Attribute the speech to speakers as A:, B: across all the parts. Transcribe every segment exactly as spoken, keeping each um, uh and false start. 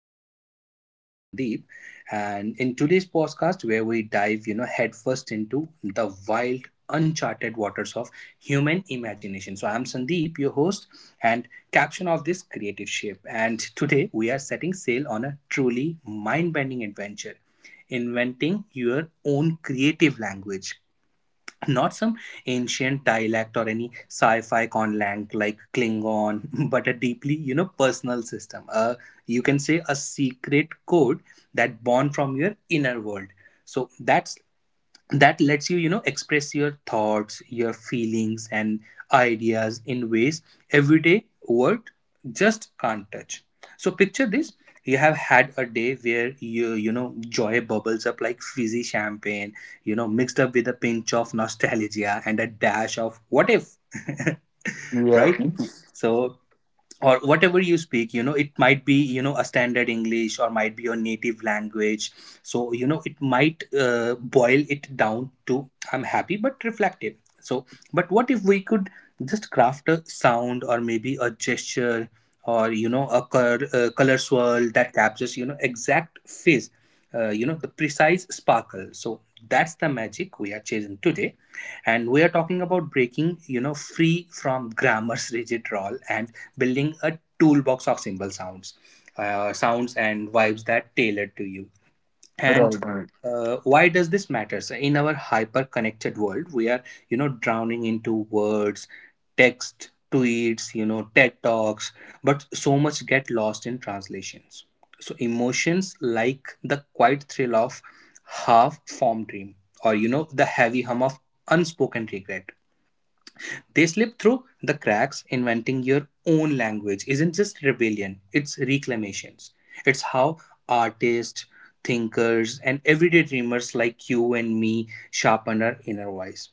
A: podcast. This is your host Sandeep, and in today's podcast, where we dive, you know, headfirst into the wild, uncharted waters of human imagination. So, I'm Sandeep, your host, and caption of this creative ship. And today, we are setting sail on a truly mind-bending adventure, inventing your own creative language, not some ancient dialect or any sci-fi conlang like Klingon, but a deeply, you know personal system, uh, you can say a secret code, that born from your inner world. So that's that lets you, you know express your thoughts, your feelings and ideas in ways everyday word just can't touch. So picture this. You have had a day where you you know joy bubbles up like fizzy champagne, you know, mixed up with a pinch of nostalgia and a dash of what if,
B: Yeah,
A: right? So, or whatever you speak, you know, it might be, you know, a standard English or might be your native language. So, you know, it might uh, boil it down to I'm happy but reflective. So, but what if we could just craft a sound, or maybe a gesture, or you know a cur- uh, color swirl that captures, you know exact phase, uh, you know the precise sparkle. So that's the magic we are chasing today, and we are talking about breaking, you know free from grammar's rigid role, and building a toolbox of symbol sounds, uh, sounds and vibes that tailored to you. And
B: right, right,
A: uh, why does this matter? So in our hyper connected world, we are, you know drowning into words, text, tweets, you know TED talks, but so much get lost in translations. So emotions like the quiet thrill of half formed dream, or you know the heavy hum of unspoken regret, they slip through the cracks. Inventing your own language isn't just rebellion, it's reclamations. It's how artists, thinkers, and everyday dreamers like you and me sharpen our inner voice,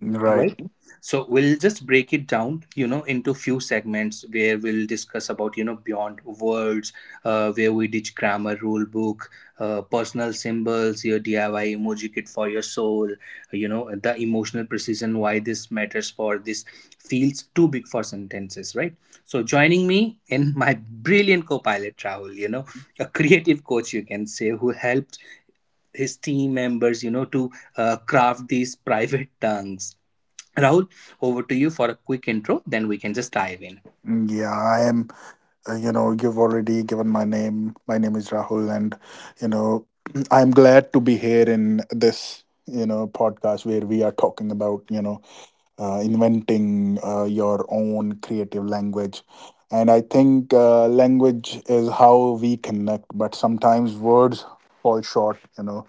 B: right.
A: right? So we'll just break it down, you know into few segments where we'll discuss about, you know beyond words, uh, where we ditch grammar rule book, uh, personal symbols, your DIY emoji kit for your soul, you know the emotional precision, why this matters, for this feels too big for sentences, right? So joining me in, my brilliant co-pilot Rahul, you know a creative coach you can say, who helped his team members, you know to uh, craft these private tongues. Rahul, over to you for a quick intro, then we can just dive in.
B: Yeah, I am. Uh, you know, you've already given my name. My name is Rahul, and you know, I'm glad to be here in this you know podcast where we are talking about you know uh, inventing uh, your own creative language. And I think uh, language is how we connect, but sometimes words fall short. You know,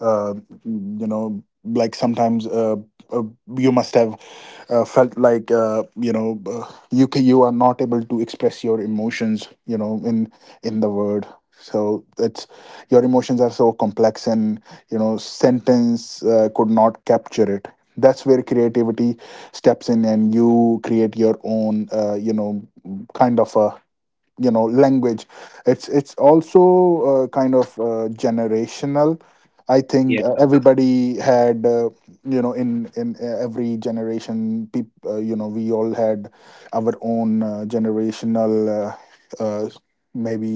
B: uh, you know like sometimes uh, uh, you must have uh, felt like uh, you know uh, you ca- you are not able to express your emotions you know in in the word. So it's, your emotions are so complex, and you know sentence uh, could not capture it. That's where creativity steps in, and you create your own uh, you know kind of a, you know language. It's it's also uh, kind of uh, generational. I think
A: Yeah.
B: uh, everybody had uh, you know in in uh, every generation peop, uh, you know we all had our own uh, generational, uh, uh, maybe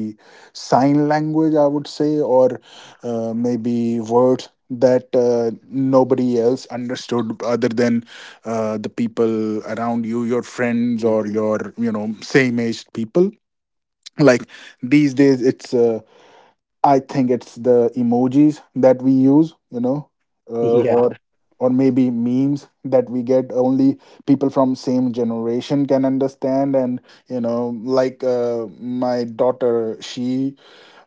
B: sign language I would say, or uh, maybe words that uh, nobody else understood other than uh, the people around you, your friends
A: Yeah.
B: or your, you know same aged people. Like these days it's, uh, I think it's the emojis that we use, you know uh,
A: Yeah,
B: or or maybe memes that we get only people from same generation can understand. And you know like uh, my daughter, she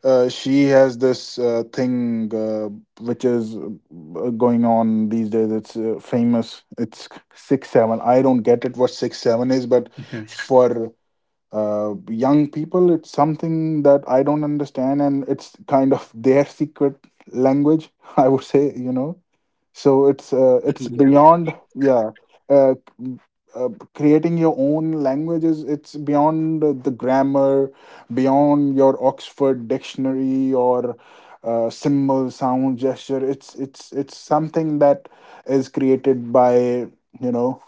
B: uh, she has this uh, thing, uh, which is uh, going on these days. It's uh, famous. It's six seven. I don't get it what six seven is, but for uh, young people, it's something that I don't understand, and it's kind of their secret language. I would say, you know so it's uh, it's
A: yeah,
B: beyond. Yeah, uh, uh, creating your own languages, it's beyond the grammar, beyond your Oxford dictionary, or uh, symbol, sound, gesture. It's it's it's something that is created by you know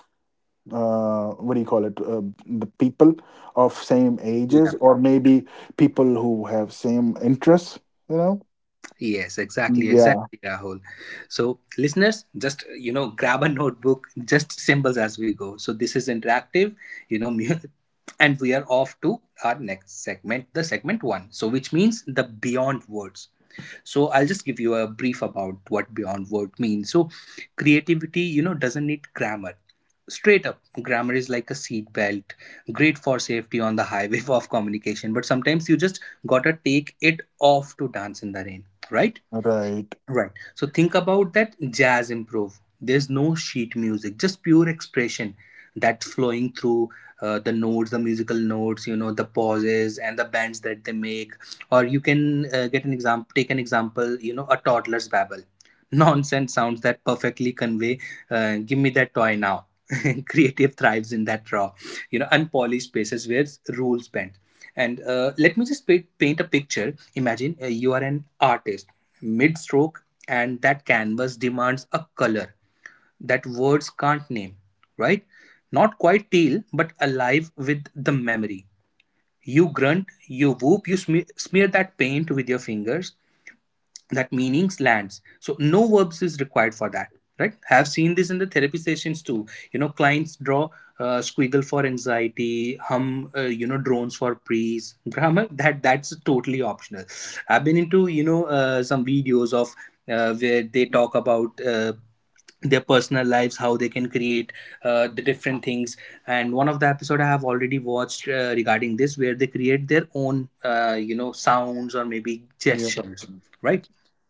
B: uh, what do you call it, uh, the people of same ages,
A: yeah.
B: or maybe people who have same interests, you know.
A: Yes, exactly,
B: Yeah,
A: exactly, Rahul. So, listeners, just, you know, grab a notebook, just symbols as we go. So, this is interactive, you know, mu- and we are off to our next segment, the segment one. So, which means the beyond words. So I'll just give you a brief about what beyond word means. So creativity, you know doesn't need grammar. Straight up, grammar is like a seat belt, great for safety on the highway of communication, but sometimes you just gotta take it off to dance in the rain, right?
B: right,
A: Right. So think about that jazz improv. There's no sheet music, just pure expression that flowing through, uh, the notes, the musical notes, you know, the pauses and the bends that they make. Or you can uh, get an example, take an example, you know, a toddler's babble. Nonsense sounds that perfectly convey, uh, give me that toy now. Creative thrives in that raw, you know, unpolished spaces where rules bend. And uh, let me just paint, paint a picture. Imagine, uh, you are an artist mid stroke, and that canvas demands a color that words can't name, right? Not quite teal, but alive with the memory. You grunt, you whoop, you sme- smear that paint with your fingers. That meanings lands, so no verbs is required for that, right? Have seen this in the therapy sessions too. You know clients draw, uh, squiggle for anxiety, hum, uh, you know drones for praise. Grammar, that that's totally optional. I've been into, you know uh, some videos of, uh, where they talk about, uh, their personal lives, how they can create, uh, the different things. And one of the episode I have already watched, uh, regarding this, where they create their own, uh, you know sounds or maybe
B: yeah,
A: gestures, right?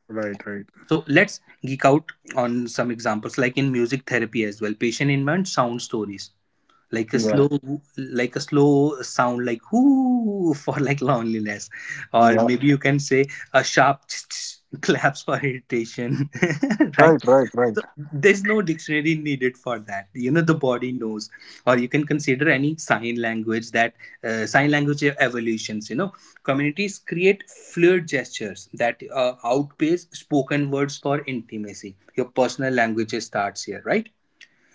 B: right, right,
A: So let's geek out on some examples, like in music therapy as well. Patient invent sound stories like a
B: yeah,
A: slow, like a slow sound like whoo, for like loneliness, or
B: yeah,
A: maybe you can say a sharp claps for irritation. Right?
B: right, right, right,
A: So there's no dictionary needed for that. You know the body knows. Or you can consider any sign language that, uh, sign language evolutions. You know communities create fluid gestures that, uh, outpace spoken words for intimacy. Your personal language starts here, right?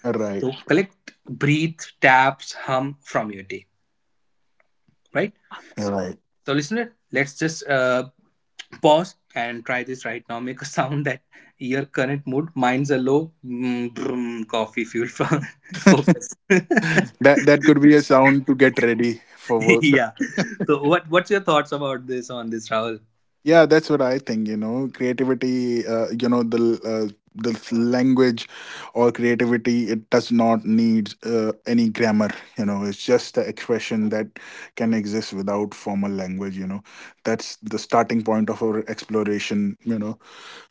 B: right,
A: So collect, breathe, taps, hum from your day, right?
B: right.
A: So listener, let's just, uh, pause and try this right now. Make a sound that your current mood. Mine's a low mm, brum, coffee fuel for focus.
B: That that could be a sound to get ready for work.
A: Yeah. So what what's your thoughts about this on this, Rahul?
B: Yeah, that's what I think. You know, creativity. Uh, you know, the uh, the language or creativity, it does not need uh, any grammar. You know, it's just the expression that can exist without formal language. You know, that's the starting point of our exploration. You know,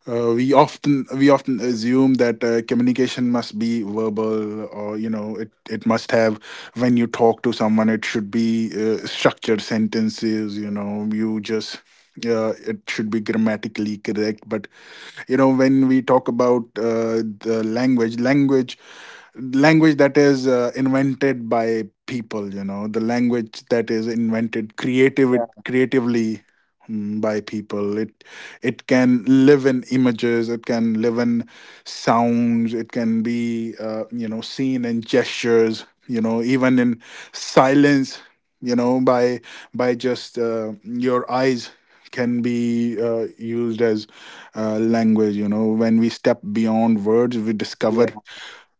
B: uh, we often we often assume that uh, communication must be verbal, or you know it, it must have, when you talk to someone, it should be uh, structured sentences. You know, you just uh, it should be grammatically correct. But you know when we talk about uh, the language language language that is uh, invented by people, you know, the language that is invented creative
A: Yeah,
B: creatively, mm, by people, it it can live in images, it can live in sounds, it can be uh, you know seen in gestures, you know, even in silence, you know, by by just uh, your eyes can be uh, used as uh, language. You know, when we step beyond words, we discover
A: yeah,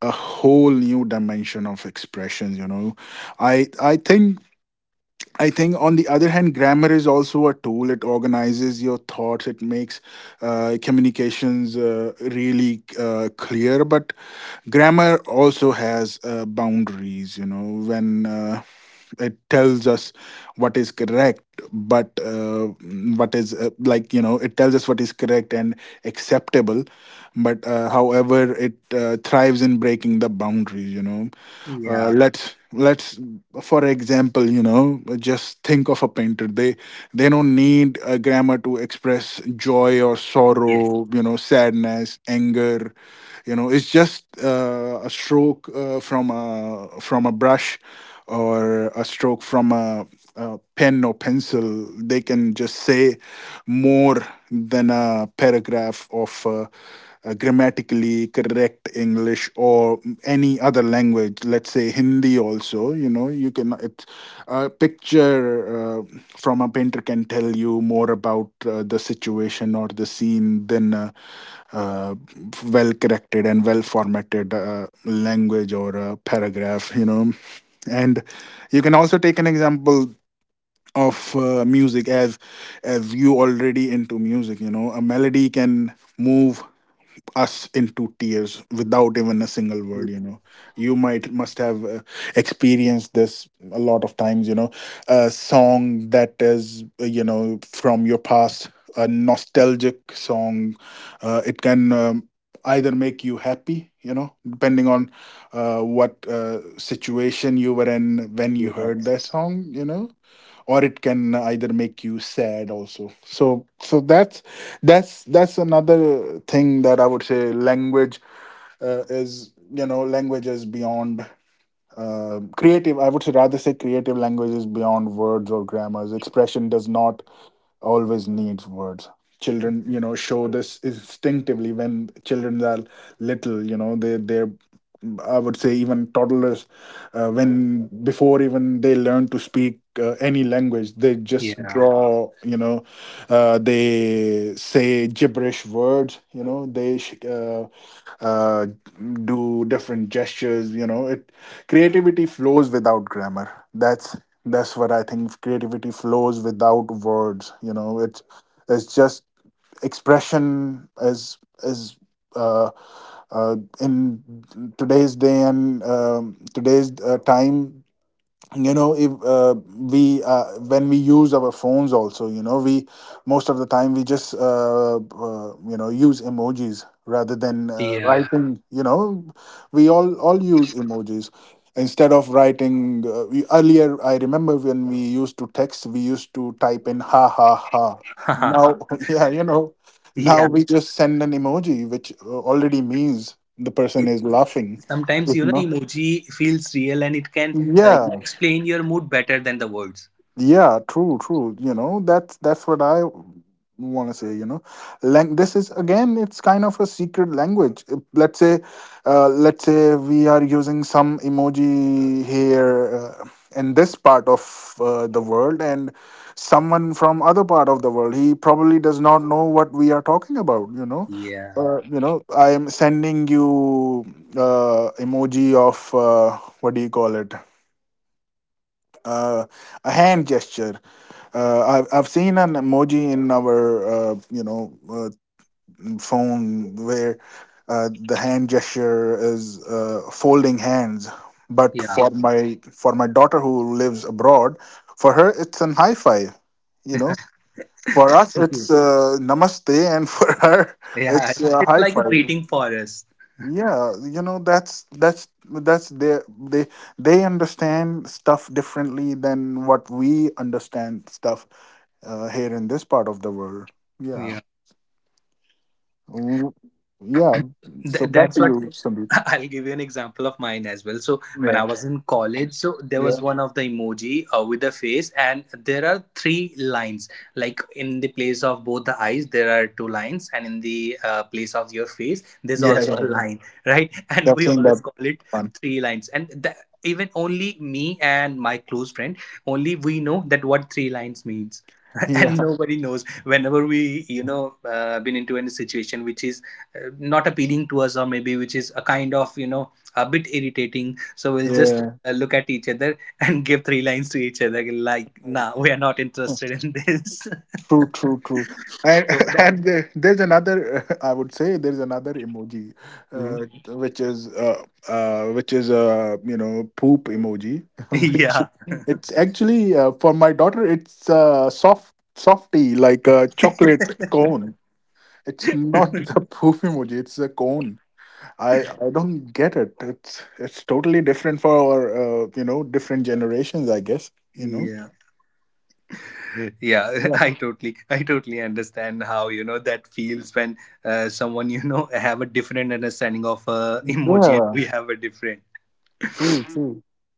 B: a whole new dimension of expressions. You know, I I think I think, on the other hand, grammar is also a tool. It organizes your thoughts. It makes uh, communications uh, really uh, clear. But grammar also has uh, boundaries. You know, when uh, it tells us what is correct, but uh, what is uh, like you know, it tells us what is correct and acceptable. But uh, however, it uh, thrives in breaking the boundaries. You know, uh,
A: yeah.
B: let's let's, for example, you know, just think of a painter. They they don't need a grammar to express joy or
A: Yes.
B: sorrow, you know, sadness, anger. You know, it's just uh, a stroke uh, from a, from a brush, or a stroke from a, a pen or pencil. They can just say more than a paragraph of uh, uh, grammatically correct English or any other language, let's say Hindi also, you know. you can, it's a picture uh, from a painter, can tell you more about uh, the situation or the scene than a, uh, well corrected and well formatted uh, language or a paragraph, you know. And you can also take an example of uh, music. As as you already into music, you know, a melody can move us into tears without even a single word. You know, you might must have uh, experienced this a lot of times, you know, a song that is uh, you know from your past, a nostalgic song, uh, it can um, either make you happy, you know, depending on uh, what uh, situation you were in when you heard
A: Yes.
B: that song, you know, or it can either make you sad also. So so that's that's that's another thing that I would say. Language uh, is, you know, language is beyond, um, creative I would say rather say creative languages beyond words or grammars. Expression does not always needs words. Children, you know, show this instinctively. When children are little, you know, they they're I would say even toddlers, uh, when, before even they learn to speak uh, any language, they just
A: Yeah.
B: draw, you know, uh, they say gibberish words, you know, they sh- uh, uh, do different gestures, you know. It, creativity flows without grammar. That's that's what I think. Creativity flows without words, you know. It's it's just expression. Is is uh, uh, in today's day and, um, today's uh, time, you know, if uh, we uh, when we use our phones also, you know, we, most of the time we just uh, uh, you know use emojis rather than uh,
A: Yeah.
B: writing. You know, we all all use emojis instead of writing. uh, we, earlier I remember, when we used to text, we used to type in ha ha ha, now. Yeah, you know, now we just send an emoji which uh, already means the person
A: Yeah.
B: is laughing. You
A: Sometimes, you know
B: know?
A: emoji feels real, and it can, uh, you know,
B: Yeah.
A: explain your mood better than the words.
B: Yeah, true, true. You know, that's that's what I want to say. You know, Lang- this is again, it's kind of a secret language. Uh, Let's say, uh, let's say we are using some emoji here uh, in this part of uh, the world, and someone from other part of the world, he probably does not know what we are talking about. You know,
A: Yeah,
B: uh, you know, I am sending you uh, emoji of, uh, what do you call it? Uh, a hand gesture. uh, I've I've seen an emoji in our uh, you know uh, phone where uh, the hand gesture is uh, folding hands. But
A: yeah,
B: for, yeah, my for my daughter who lives abroad, for her it's an high five. You know, for us it's uh, namaste, and for her
A: yeah,
B: it's a
A: it's
B: high
A: like a
B: five.
A: greeting for us.
B: Yeah, you know, that's that's that's their, they they understand stuff differently than what we understand stuff uh, here in this part of the world. Yeah. Mm, yeah. So
A: Th-
B: back
A: that's
B: to you,
A: what.
B: Sandeep.
A: I'll give you an example of mine as well. So when I
B: Yeah.
A: was in college, so there
B: Yeah.
A: was one of the emoji, uh, with the face, and there are three lines. Like in the place of both the eyes, there are two lines, and in the, uh, place of your face, there's
B: Yeah,
A: also
B: yeah,
A: a line,
B: yeah.
A: right? And
B: I've
A: we
B: seen
A: always
B: that
A: call it
B: one.
A: three lines. And the, even only me and my close friend, only we know that what three lines means.
B: Yeah.
A: Nobody knows. Whenever we, you know uh, been into any situation which is, uh, not appealing to us, or maybe which is a kind of, you know a bit irritating, so we'll just,
B: Yeah.
A: uh, look at each other and give three lines to each other, like nah, we are not interested in this.
B: True, true, true. And,
A: So that.
B: and there- there's another, I would say there's another emoji,
A: Mhm.
B: uh, which is, uh, uh, which is, uh, you know, poop emoji, which,
A: Yeah.
B: it's actually, uh, for my daughter, it's, uh, soft, softy, like a chocolate cone. It's not the poop emoji. It's a cone. I I don't get it. It's it's totally different for our, uh, you know different generations. I guess, you know.
A: Yeah, yeah. i totally i totally understand how, you know that feels when, uh, someone, you know have a different understanding of, uh, emoji, and we have a different.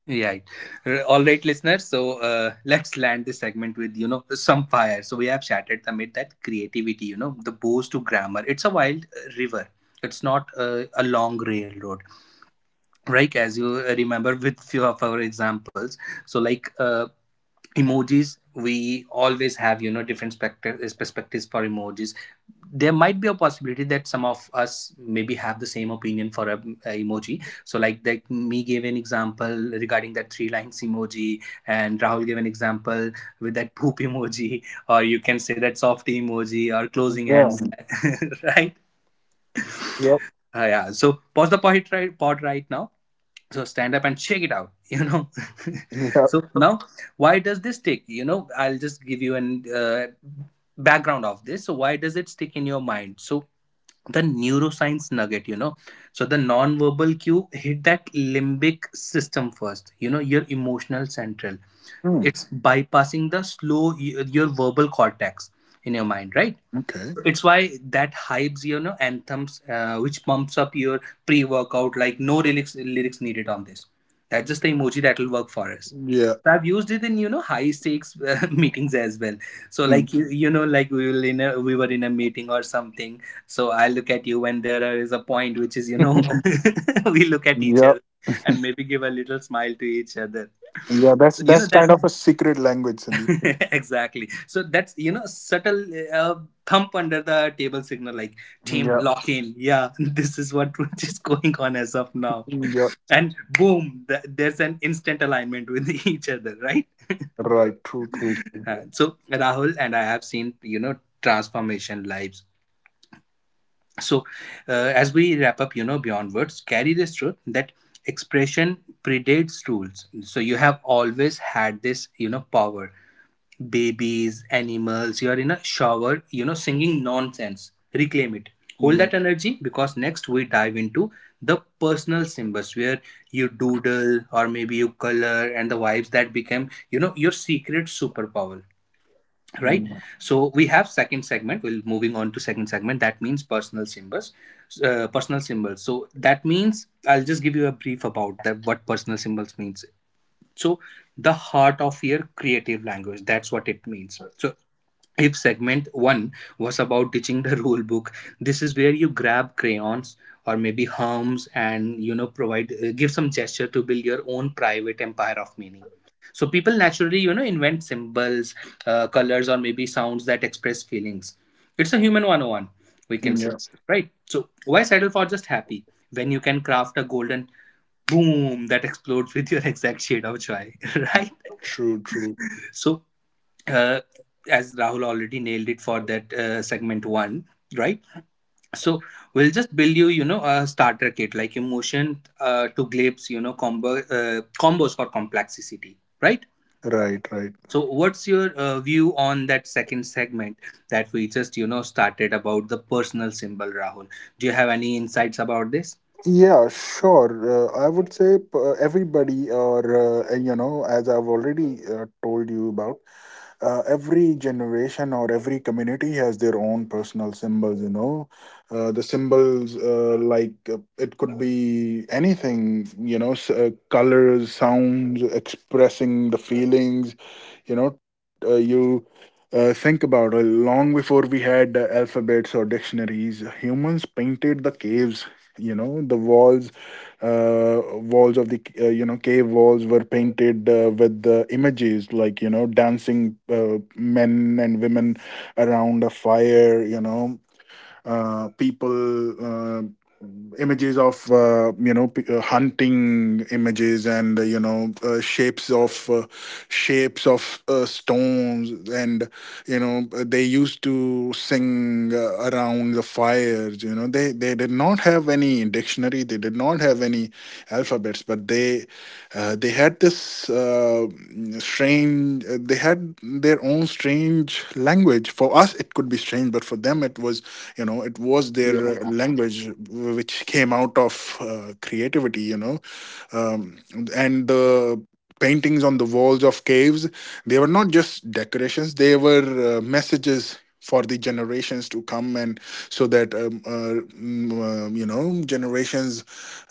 A: Right. R- All right, listeners. So, uh, let's land this segment with, you know some fire. So we have shattered the myth that creativity, you know, the bows to grammar. It's a wild, uh, river. It's not, uh, a long railroad, right? As you, uh, remember with few of our examples. So like, uh, emojis, we always have, you know different spectra- perspectives for emojis. There might be a possibility that some of us maybe have the same opinion for a, a emoji. So like like me gave an example regarding that three lines emoji, and Rahul gave an example with that poop emoji, or you can say that softy emoji or closing
B: Yeah.
A: hands, right?
B: Yep.
A: Uh, yeah. So pause the pod right, pod right now. So stand up and shake it out. You know.
B: Yep.
A: So now, why does this stick? You know, I'll just give you an, uh, background of this. So why does it stick in your mind? So the neuroscience nugget, you know so the non-verbal cue hit that limbic system first, you know your emotional central.
B: Hmm,
A: It's bypassing the slow, your verbal cortex in your mind, right?
B: okay.
A: It's why that hypes, you know anthems, uh, which pumps up your pre-workout, like no lyrics lyrics needed on this. That's just the emoji that will work for us.
B: Yeah.
A: So I've used it in, you know high stakes, uh, meetings as well. So
B: Hmm.
A: like you, you know like we will in a we were in a meeting or something. So I look at you when there is a point which is, you know we look at each other,
B: Yep.
A: and maybe give a little smile to each other.
B: Yeah. That's
A: So, you
B: that's
A: know that.
B: kind of a secret language, Sandeep.
A: Exactly. So that's, you know subtle, uh, thump under the table signal, like
B: Hmm,
A: team
B: yeah.
A: lock in, yeah. This is what is going on as of now.
B: Hmm, yeah.
A: And boom, th- there's an instant alignment with each other, right?
B: Right, true, true,
A: Uh,
B: true.
A: so Rahul and I have seen, you know transformation lives. So uh, as we wrap up, you know beyond words carry this truth, that expression predates rules. So you have always had this, you know power. Babies, animals, you're in a shower, you know, singing nonsense. Reclaim it. Hold
B: Yeah,
A: that energy because next we dive into the personal symbols, where you doodle or maybe you color and the vibes that become, you know, your secret superpower. Right.
B: mm,
A: So we have second segment. We're moving on to second segment. That means personal symbols. Uh, personal symbols. So that means I'll just give you a brief about that what personal symbols means. So, the heart of your creative language, that's what it means. So, if segment one was about teaching the rule book, this is where you grab crayons or maybe herms and, you know, provide uh, give some gesture to build your own private empire of meaning. So people naturally, you know, invent symbols, uh, colors or maybe sounds that express feelings. It's a human one oh one, we can say,
B: yeah,
A: right? So why settle for just happy when you can craft a golden boom that explodes with your exact shade of joy, right?
B: true, true.
A: So, uh, as Rahul already nailed it for that uh, segment one, right? So we'll just build you, you know, a starter kit like emotion uh, to glibs, you know, combo uh, combos for complexity, right?
B: Right, right.
A: So what's your uh, view on that second segment that we just, you know, started about the personal symbol, Rahul? Do you have any insights about this?
B: Yeah, sure. Uh, I would say p- uh, everybody, or uh, you know, as I've already uh, told you about, uh, every generation or every community has their own personal symbols. You know, uh, the symbols uh, like uh, it could be anything. You know, s- uh, colors, sounds, expressing the feelings. You know, uh, you Uh, think about it. Long before we had uh, alphabets or dictionaries, humans painted the caves. You know, the walls, uh, walls of the, uh, you know cave walls were painted uh, with the images like, you know, dancing uh, men and women around a fire. You know, uh, people uh, images of, uh, you know p- uh, hunting images, and uh, you know uh, shapes of, uh, shapes of uh, stones, and you know uh, they used to sing uh, around the fires. You know, they they did not have any dictionary, they did not have any alphabets, but they uh, they had this uh, strange. Uh, They had their own strange language. For us, it could be strange, but for them, it was, you know, it was their language, which came out of uh, creativity. You know, um, and the paintings on the walls of caves, they were not just decorations, they were uh, messages for the generations to come, and so that um, uh, mm, uh, you know generations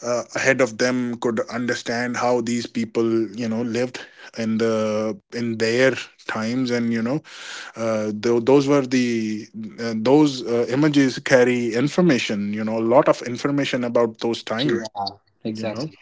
B: uh, ahead of them could understand how these people, you know, lived in the in their times. And you know, uh, tho- those were the uh, those uh, images carry information, you know, a lot of information about those times,
A: Yeah,
B: you know.
A: exactly.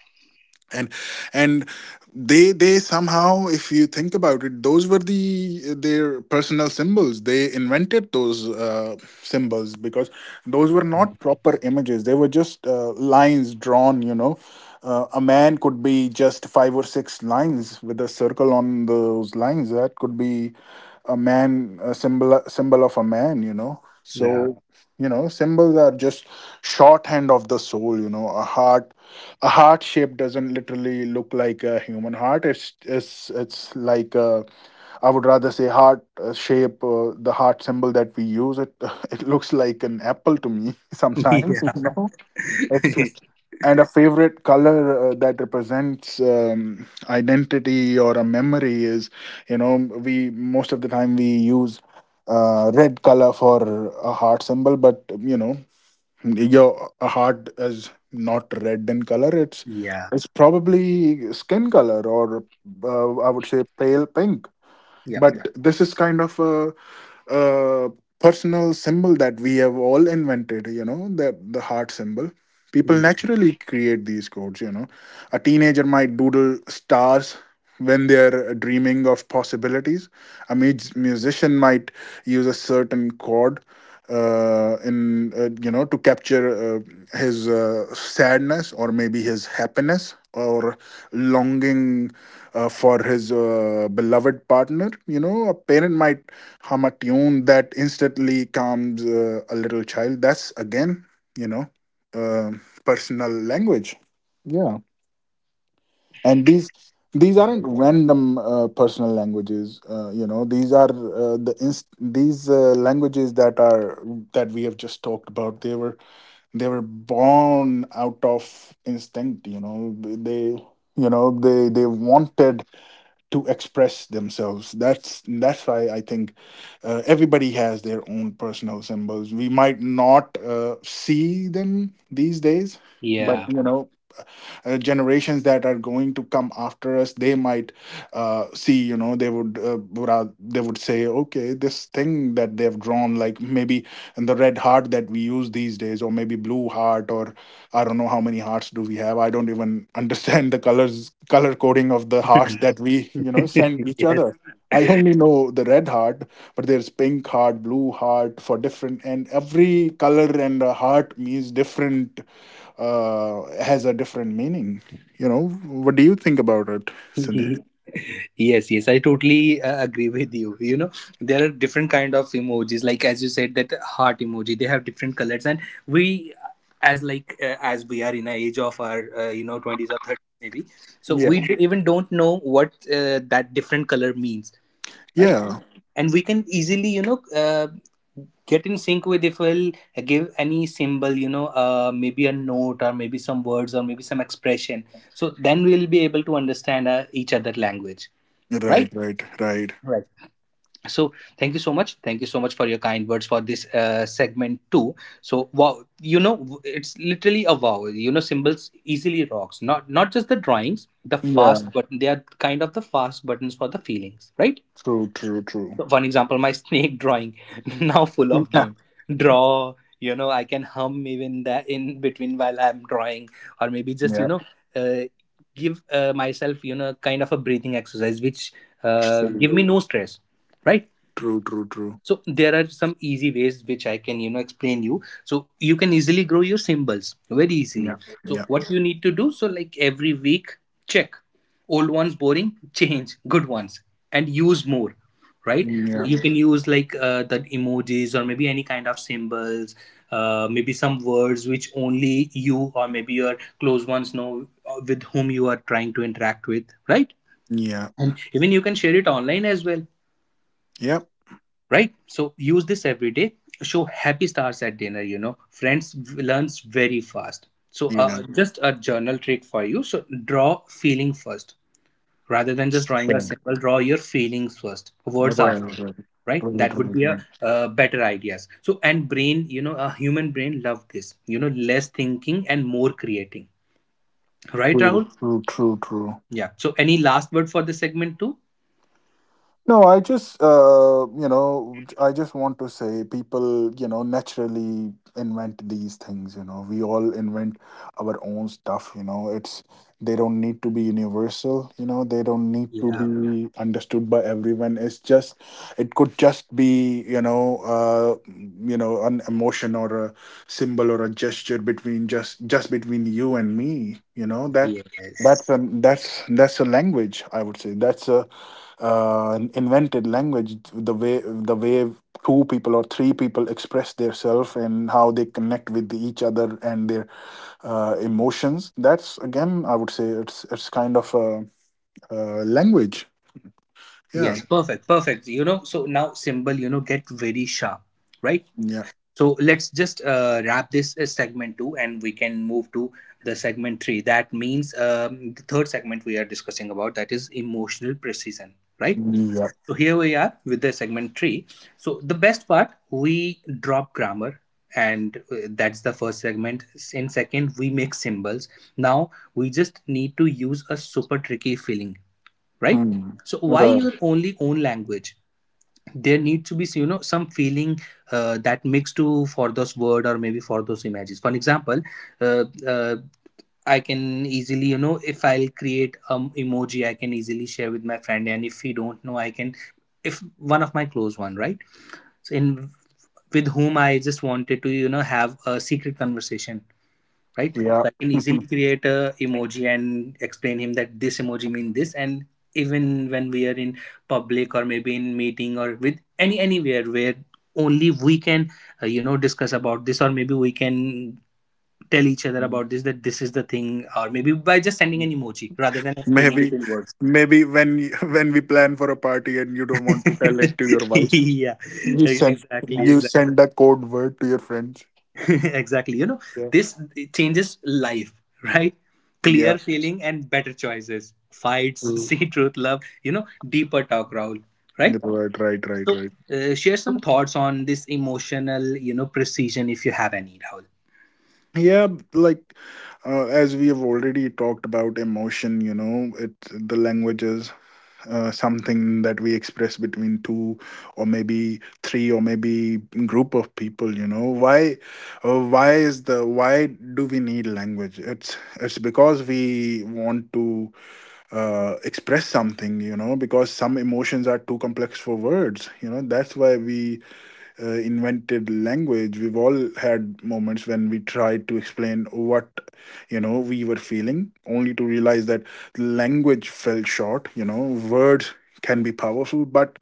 B: And and they they somehow, if you think about it, those were the their personal symbols. They invented those uh, symbols, because those were not proper images, they were just uh, lines drawn, you know. Uh, a man could be just five or six lines with a circle on those lines. That could be a man, a symbol symbol of a man, you know.
A: Yeah.
B: So you know, symbols are just shorthand of the soul. You know, a heart a heart shape doesn't literally look like a human heart. It's it's it's like a, I would rather say heart uh, shape, uh, the heart symbol that we use, it it looks like an apple to me sometimes, you
A: Yeah.
B: know. Absolutely. And a favorite color uh, that represents um, identity or a memory is, you know, we most of the time we use uh, red color for a heart symbol. But you know, your a heart is not red in color. It's
A: Yeah.
B: it's probably skin color, or uh, I would say pale pink.
A: Yeah.
B: But yeah, this is kind of a uh, personal symbol that we have all invented, you know, the the heart symbol. People naturally create these codes, you know. A teenager might doodle stars when they're dreaming of possibilities. A mus- musician might use a certain chord, uh, in uh, you know, to capture uh, his uh, sadness, or maybe his happiness or longing uh, for his uh, beloved partner. You know, a parent might hum a tune that instantly calms uh, a little child. That's again, you know, uh, personal language. Yeah. And these these aren't random uh, personal languages. Uh, you know, these are uh, the inst- these uh, languages that are, that we have just talked about, they were, they were born out of instinct. You know, they, you know, they they wanted to express themselves. That's that's why I think uh, everybody has their own personal symbols. We might not uh, see them these days, but
A: Yeah.
B: you know, uh, generations that are going to come after us, they might uh, see, you know, they would uh, ra- they would say, okay, this thing that they've drawn, like maybe, and the red heart that we use these days, or maybe blue heart, or I don't know how many hearts do we have. I don't even understand the colors, color coding of the hearts that we, you know, send each
A: Yes.
B: other. I only know the red heart, but there's pink heart, blue heart for different, and every color and a heart means different, uh, has a different meaning. You know, what do you think about it, Sandeep?
A: Ye- yes, yes I totally uh, agree with you, you know. There are different kind of emojis, like as you said, that heart emoji, they have different colors. And we, as like uh, as we are in a age of our, uh, you know, twenties or thirties maybe, so we
B: Yeah.
A: d- even don't know what uh, that different color means, right?
B: Yeah,
A: And we can easily, you know, uh, get in sync with if we'll give any symbol, you know, uh, maybe a note or maybe some words or maybe some expression. So then we'll be able to understand uh, each other language,
B: right,
A: right?
B: right, right.
A: Right. So thank you so much, thank you so much for your kind words for this uh, segment too. So wow, you know, w- it's literally a wow. You know, symbols easily rocks. Not not just the drawings the fast,
B: Yeah,
A: but they are kind of the fast buttons for the feelings, right?
B: true, true, true.
A: One example, my snake drawing now full of game draw, you know. I can hum even that in between while I'm drawing, or maybe just, you
B: Yeah,
A: know, uh, give uh, myself, you know, kind of a breathing exercise which uh,
B: yeah, true,
A: give me no stress, right?
B: true, true, true.
A: So there are some easy ways which I can, you know, explain you so you can easily grow your symbols very easily.
B: Yeah,
A: So
B: yeah,
A: what you need to do, so like every week check old ones, boring change good ones and use more, right?
B: yeah,
A: You can use like uh, the emojis or maybe any kind of symbols, uh, maybe some words which only you or maybe your close ones know, uh, with whom you are trying to interact with, right?
B: yeah,
A: And even you can share it online as well,
B: yep,
A: right? So use this every day. Show happy stars at dinner, you know, friends learns very fast. So
B: yeah, yeah.
A: uh, just a journal trick for you. So draw feeling first, rather than just drawing a symbol, draw your feelings first,
B: Right,
A: words
B: right,
A: after,
B: right.
A: right?
B: True,
A: That would
B: true,
A: be a
B: right.
A: uh, better ideas. So and brain, you know, a human brain love this, you know, less thinking and more creating, right, Rahul?
B: True, true, true, true.
A: Yeah. So any last word for this segment too?
B: No, I just, uh, you know, j- I just want to say, people, you know, naturally invent these things, you know. We all invent our own stuff, you know. It's, they don't need to be universal, you know. They don't need to
A: Yeah.
B: be understood by everyone. It's just, it could just be, you know, uh, mm, you know, an emotion or a symbol or a gesture between just just between you and me, you know. That
A: Yes.
B: that's a, that's that's a language, I would say. That's a, uh, invented language, the way, the way two people or three people express themselves and how they connect with each other and their uh, emotions. That's again, I would say it's it's kind of a, a language. Yeah,
A: Yes, perfect, perfect. You know, so now symbol, you know, get very sharp, right?
B: yeah,
A: So let's just uh, wrap this uh, segment two, and we can move to the segment three. That means um, the third segment we are discussing about that is emotional precision, right?
B: yeah.
A: So here we are with the segment tree. So the best part, we drop grammar, and uh, that's the first segment. In second, we make symbols. Now we just need to use a super tricky filling, right?
B: Hmm.
A: So why
B: Okay.
A: your only own language? There need to be so, you know, some feeling uh, that makes to for those word or maybe for those images. For example, uh, uh, I can easily, you know, if I'll create um emoji, I can easily share with my friend, and if he don't know, I can, if one of my close one, right? So in with whom I just wanted to, you know, have a secret conversation, right?
B: Yeah.
A: So I can easily create a emoji and explain him that this emoji means this. And even when we are in public or maybe in meeting or with any anywhere where only we can uh, you know, discuss about this, or maybe we can tell each other about this, that this is the thing, or maybe by just sending an emoji rather than explaining it
B: Maybe,
A: in words.
B: maybe when y- when we plan for a party and you don't want to tell it to your wife,
A: Yeah.
B: you
A: E-
B: send,
A: exactly,
B: you
A: exactly.
B: send a code word to your friends.
A: Exactly. You know,
B: Yeah.
A: this changes life, right?
B: Yeah.
A: Clear feeling and better choices. Fights,
B: Hmm.
A: see truth, love, you know, deeper talk, Raul, right?
B: Right, right, right,
A: So,
B: right.
A: uh, share some thoughts on this emotional, you know, precision if you have any, Raul.
B: Yeah, like, uh, as we have already talked about emotion, you know, it the language is uh, something that we express between two, or maybe three, or maybe group of people. You know, why, uh, why is the why do we need language? It's it's because we want to uh, express something. You know, because some emotions are too complex for words. You know, that's why we uh, invented language. We've all had moments when we tried to explain what, you know, we were feeling, only to realize that language fell short, you know. Words can be powerful, but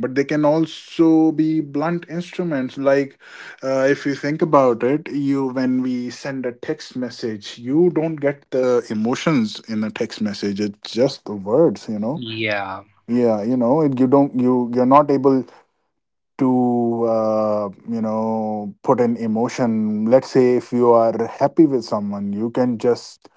B: but they can also be blunt instruments. Like, uh, if you think about it, you when we send a text message, you don't get the emotions in a text message, it's just the words, you know.
A: Yeah.
B: Yeah, you know it, you don't, you you're not able to uh, you know, put an emotion. Let's say if you are happy with someone, you can just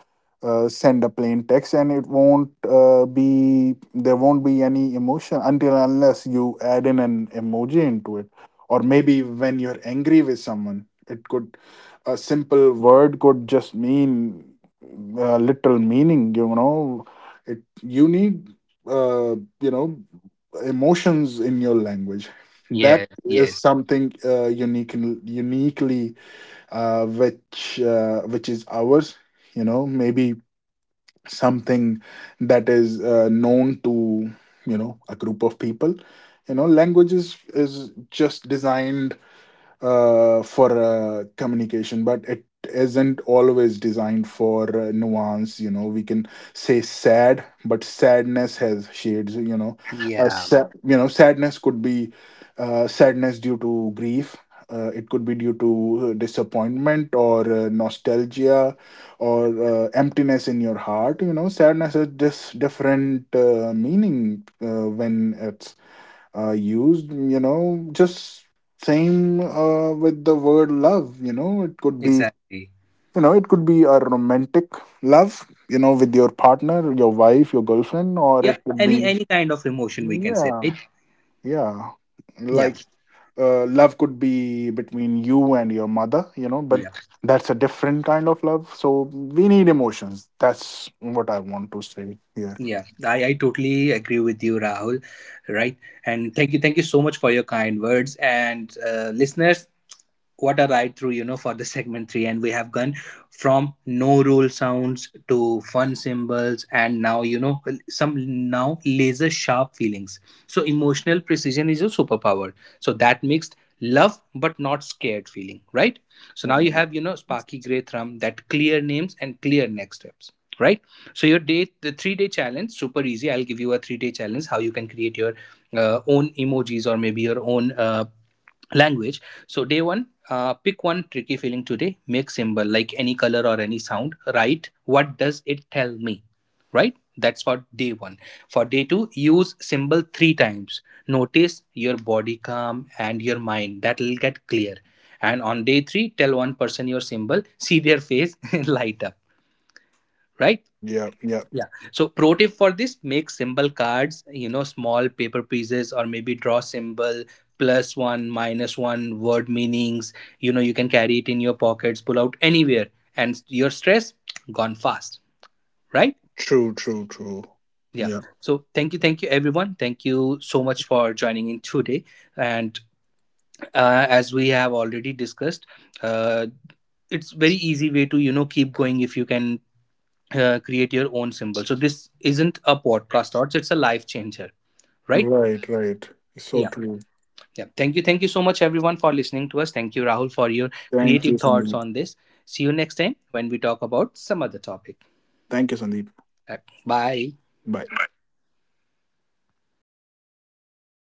B: uh, send a plain text, and it won't uh, be there won't be any emotion, until unless you add in an emoji into it. Or maybe when you're angry with someone, it could, a simple word could just mean uh, literal meaning, you know. It, you need uh, you know, emotions in your language. That
A: Yes.
B: is
A: Yes.
B: something uh, unique, uniquely uh, which uh, which is ours. You know, maybe something that is uh, known to, you know, a group of people. You know, language is is just designed uh, for uh, communication, but it isn't always designed for uh, nuance. You know, we can say sad, but sadness has shades. You know, or
A: Yeah,
B: sa- you know, sadness could be uh, sadness due to grief. Uh, it could be due to uh, disappointment, or uh, nostalgia, or uh, emptiness in your heart. You know, sadness has just different uh, meaning uh, when it's uh, used, you know. Just same uh, with the word love, you know. It could be,
A: exactly.
B: you know, it could be a romantic love, you know, with your partner, your wife, your girlfriend, or
A: Yeah,
B: it could
A: any
B: be,
A: any kind of emotion we can say,
B: yeah,
A: right?
B: yeah,
A: Yeah,
B: like, uh, love could be between you and your mother, you know. But
A: yeah,
B: that's a different kind of love. So we need emotions. That's what I want to say here.
A: yeah. I I totally agree with you, Rahul. Right, and thank you, thank you so much for your kind words. And uh, listeners, what a ride through, you know, for the segment three. And we have gone from no roll sounds to fun symbols, and now, you know, some now laser sharp feelings. So emotional precision is a superpower. So that mixed love but not scared feeling, right? So now you have, you know, sparky gray thumb, that clear names and clear next steps, right? So your day, the three day challenge super easy, I'll give you a three day challenge how you can create your uh, own emojis or maybe your own uh, language. So day one, uh, pick one tricky feeling today, make symbol like any color or any sound, write what does it tell me, right? That's for day one. For day two, use symbol three times, notice your body calm and your mind that will get clear. And on day three, tell one person your symbol, see their face light up, right?
B: Yeah, yeah,
A: Yeah. So pro tip for this, make symbol cards, you know, small paper pieces or maybe draw symbol plus one, minus one, word meanings. You know, you can carry it in your pockets, pull out anywhere, and your stress gone fast, right?
B: true, true, true.
A: Yeah.
B: Yeah,
A: So thank you. Thank you everyone. Thank you so much for joining in today. And uh, as we have already discussed, uh, it's very easy way to, you know, keep going if you can uh, create your own symbol. So this isn't a podcast thoughts; it's a life changer, right?
B: right, right. So
A: Yeah,
B: true.
A: yeah. Thank you, thank you so much, everyone, for listening to us. Thank you, Rahul, for your
B: Thank you,
A: creative thoughts
B: Sandeep.
A: on this. See you next time when we talk about some other topic.
B: Thank you, Sandeep.
A: Uh, Bye.
B: Bye.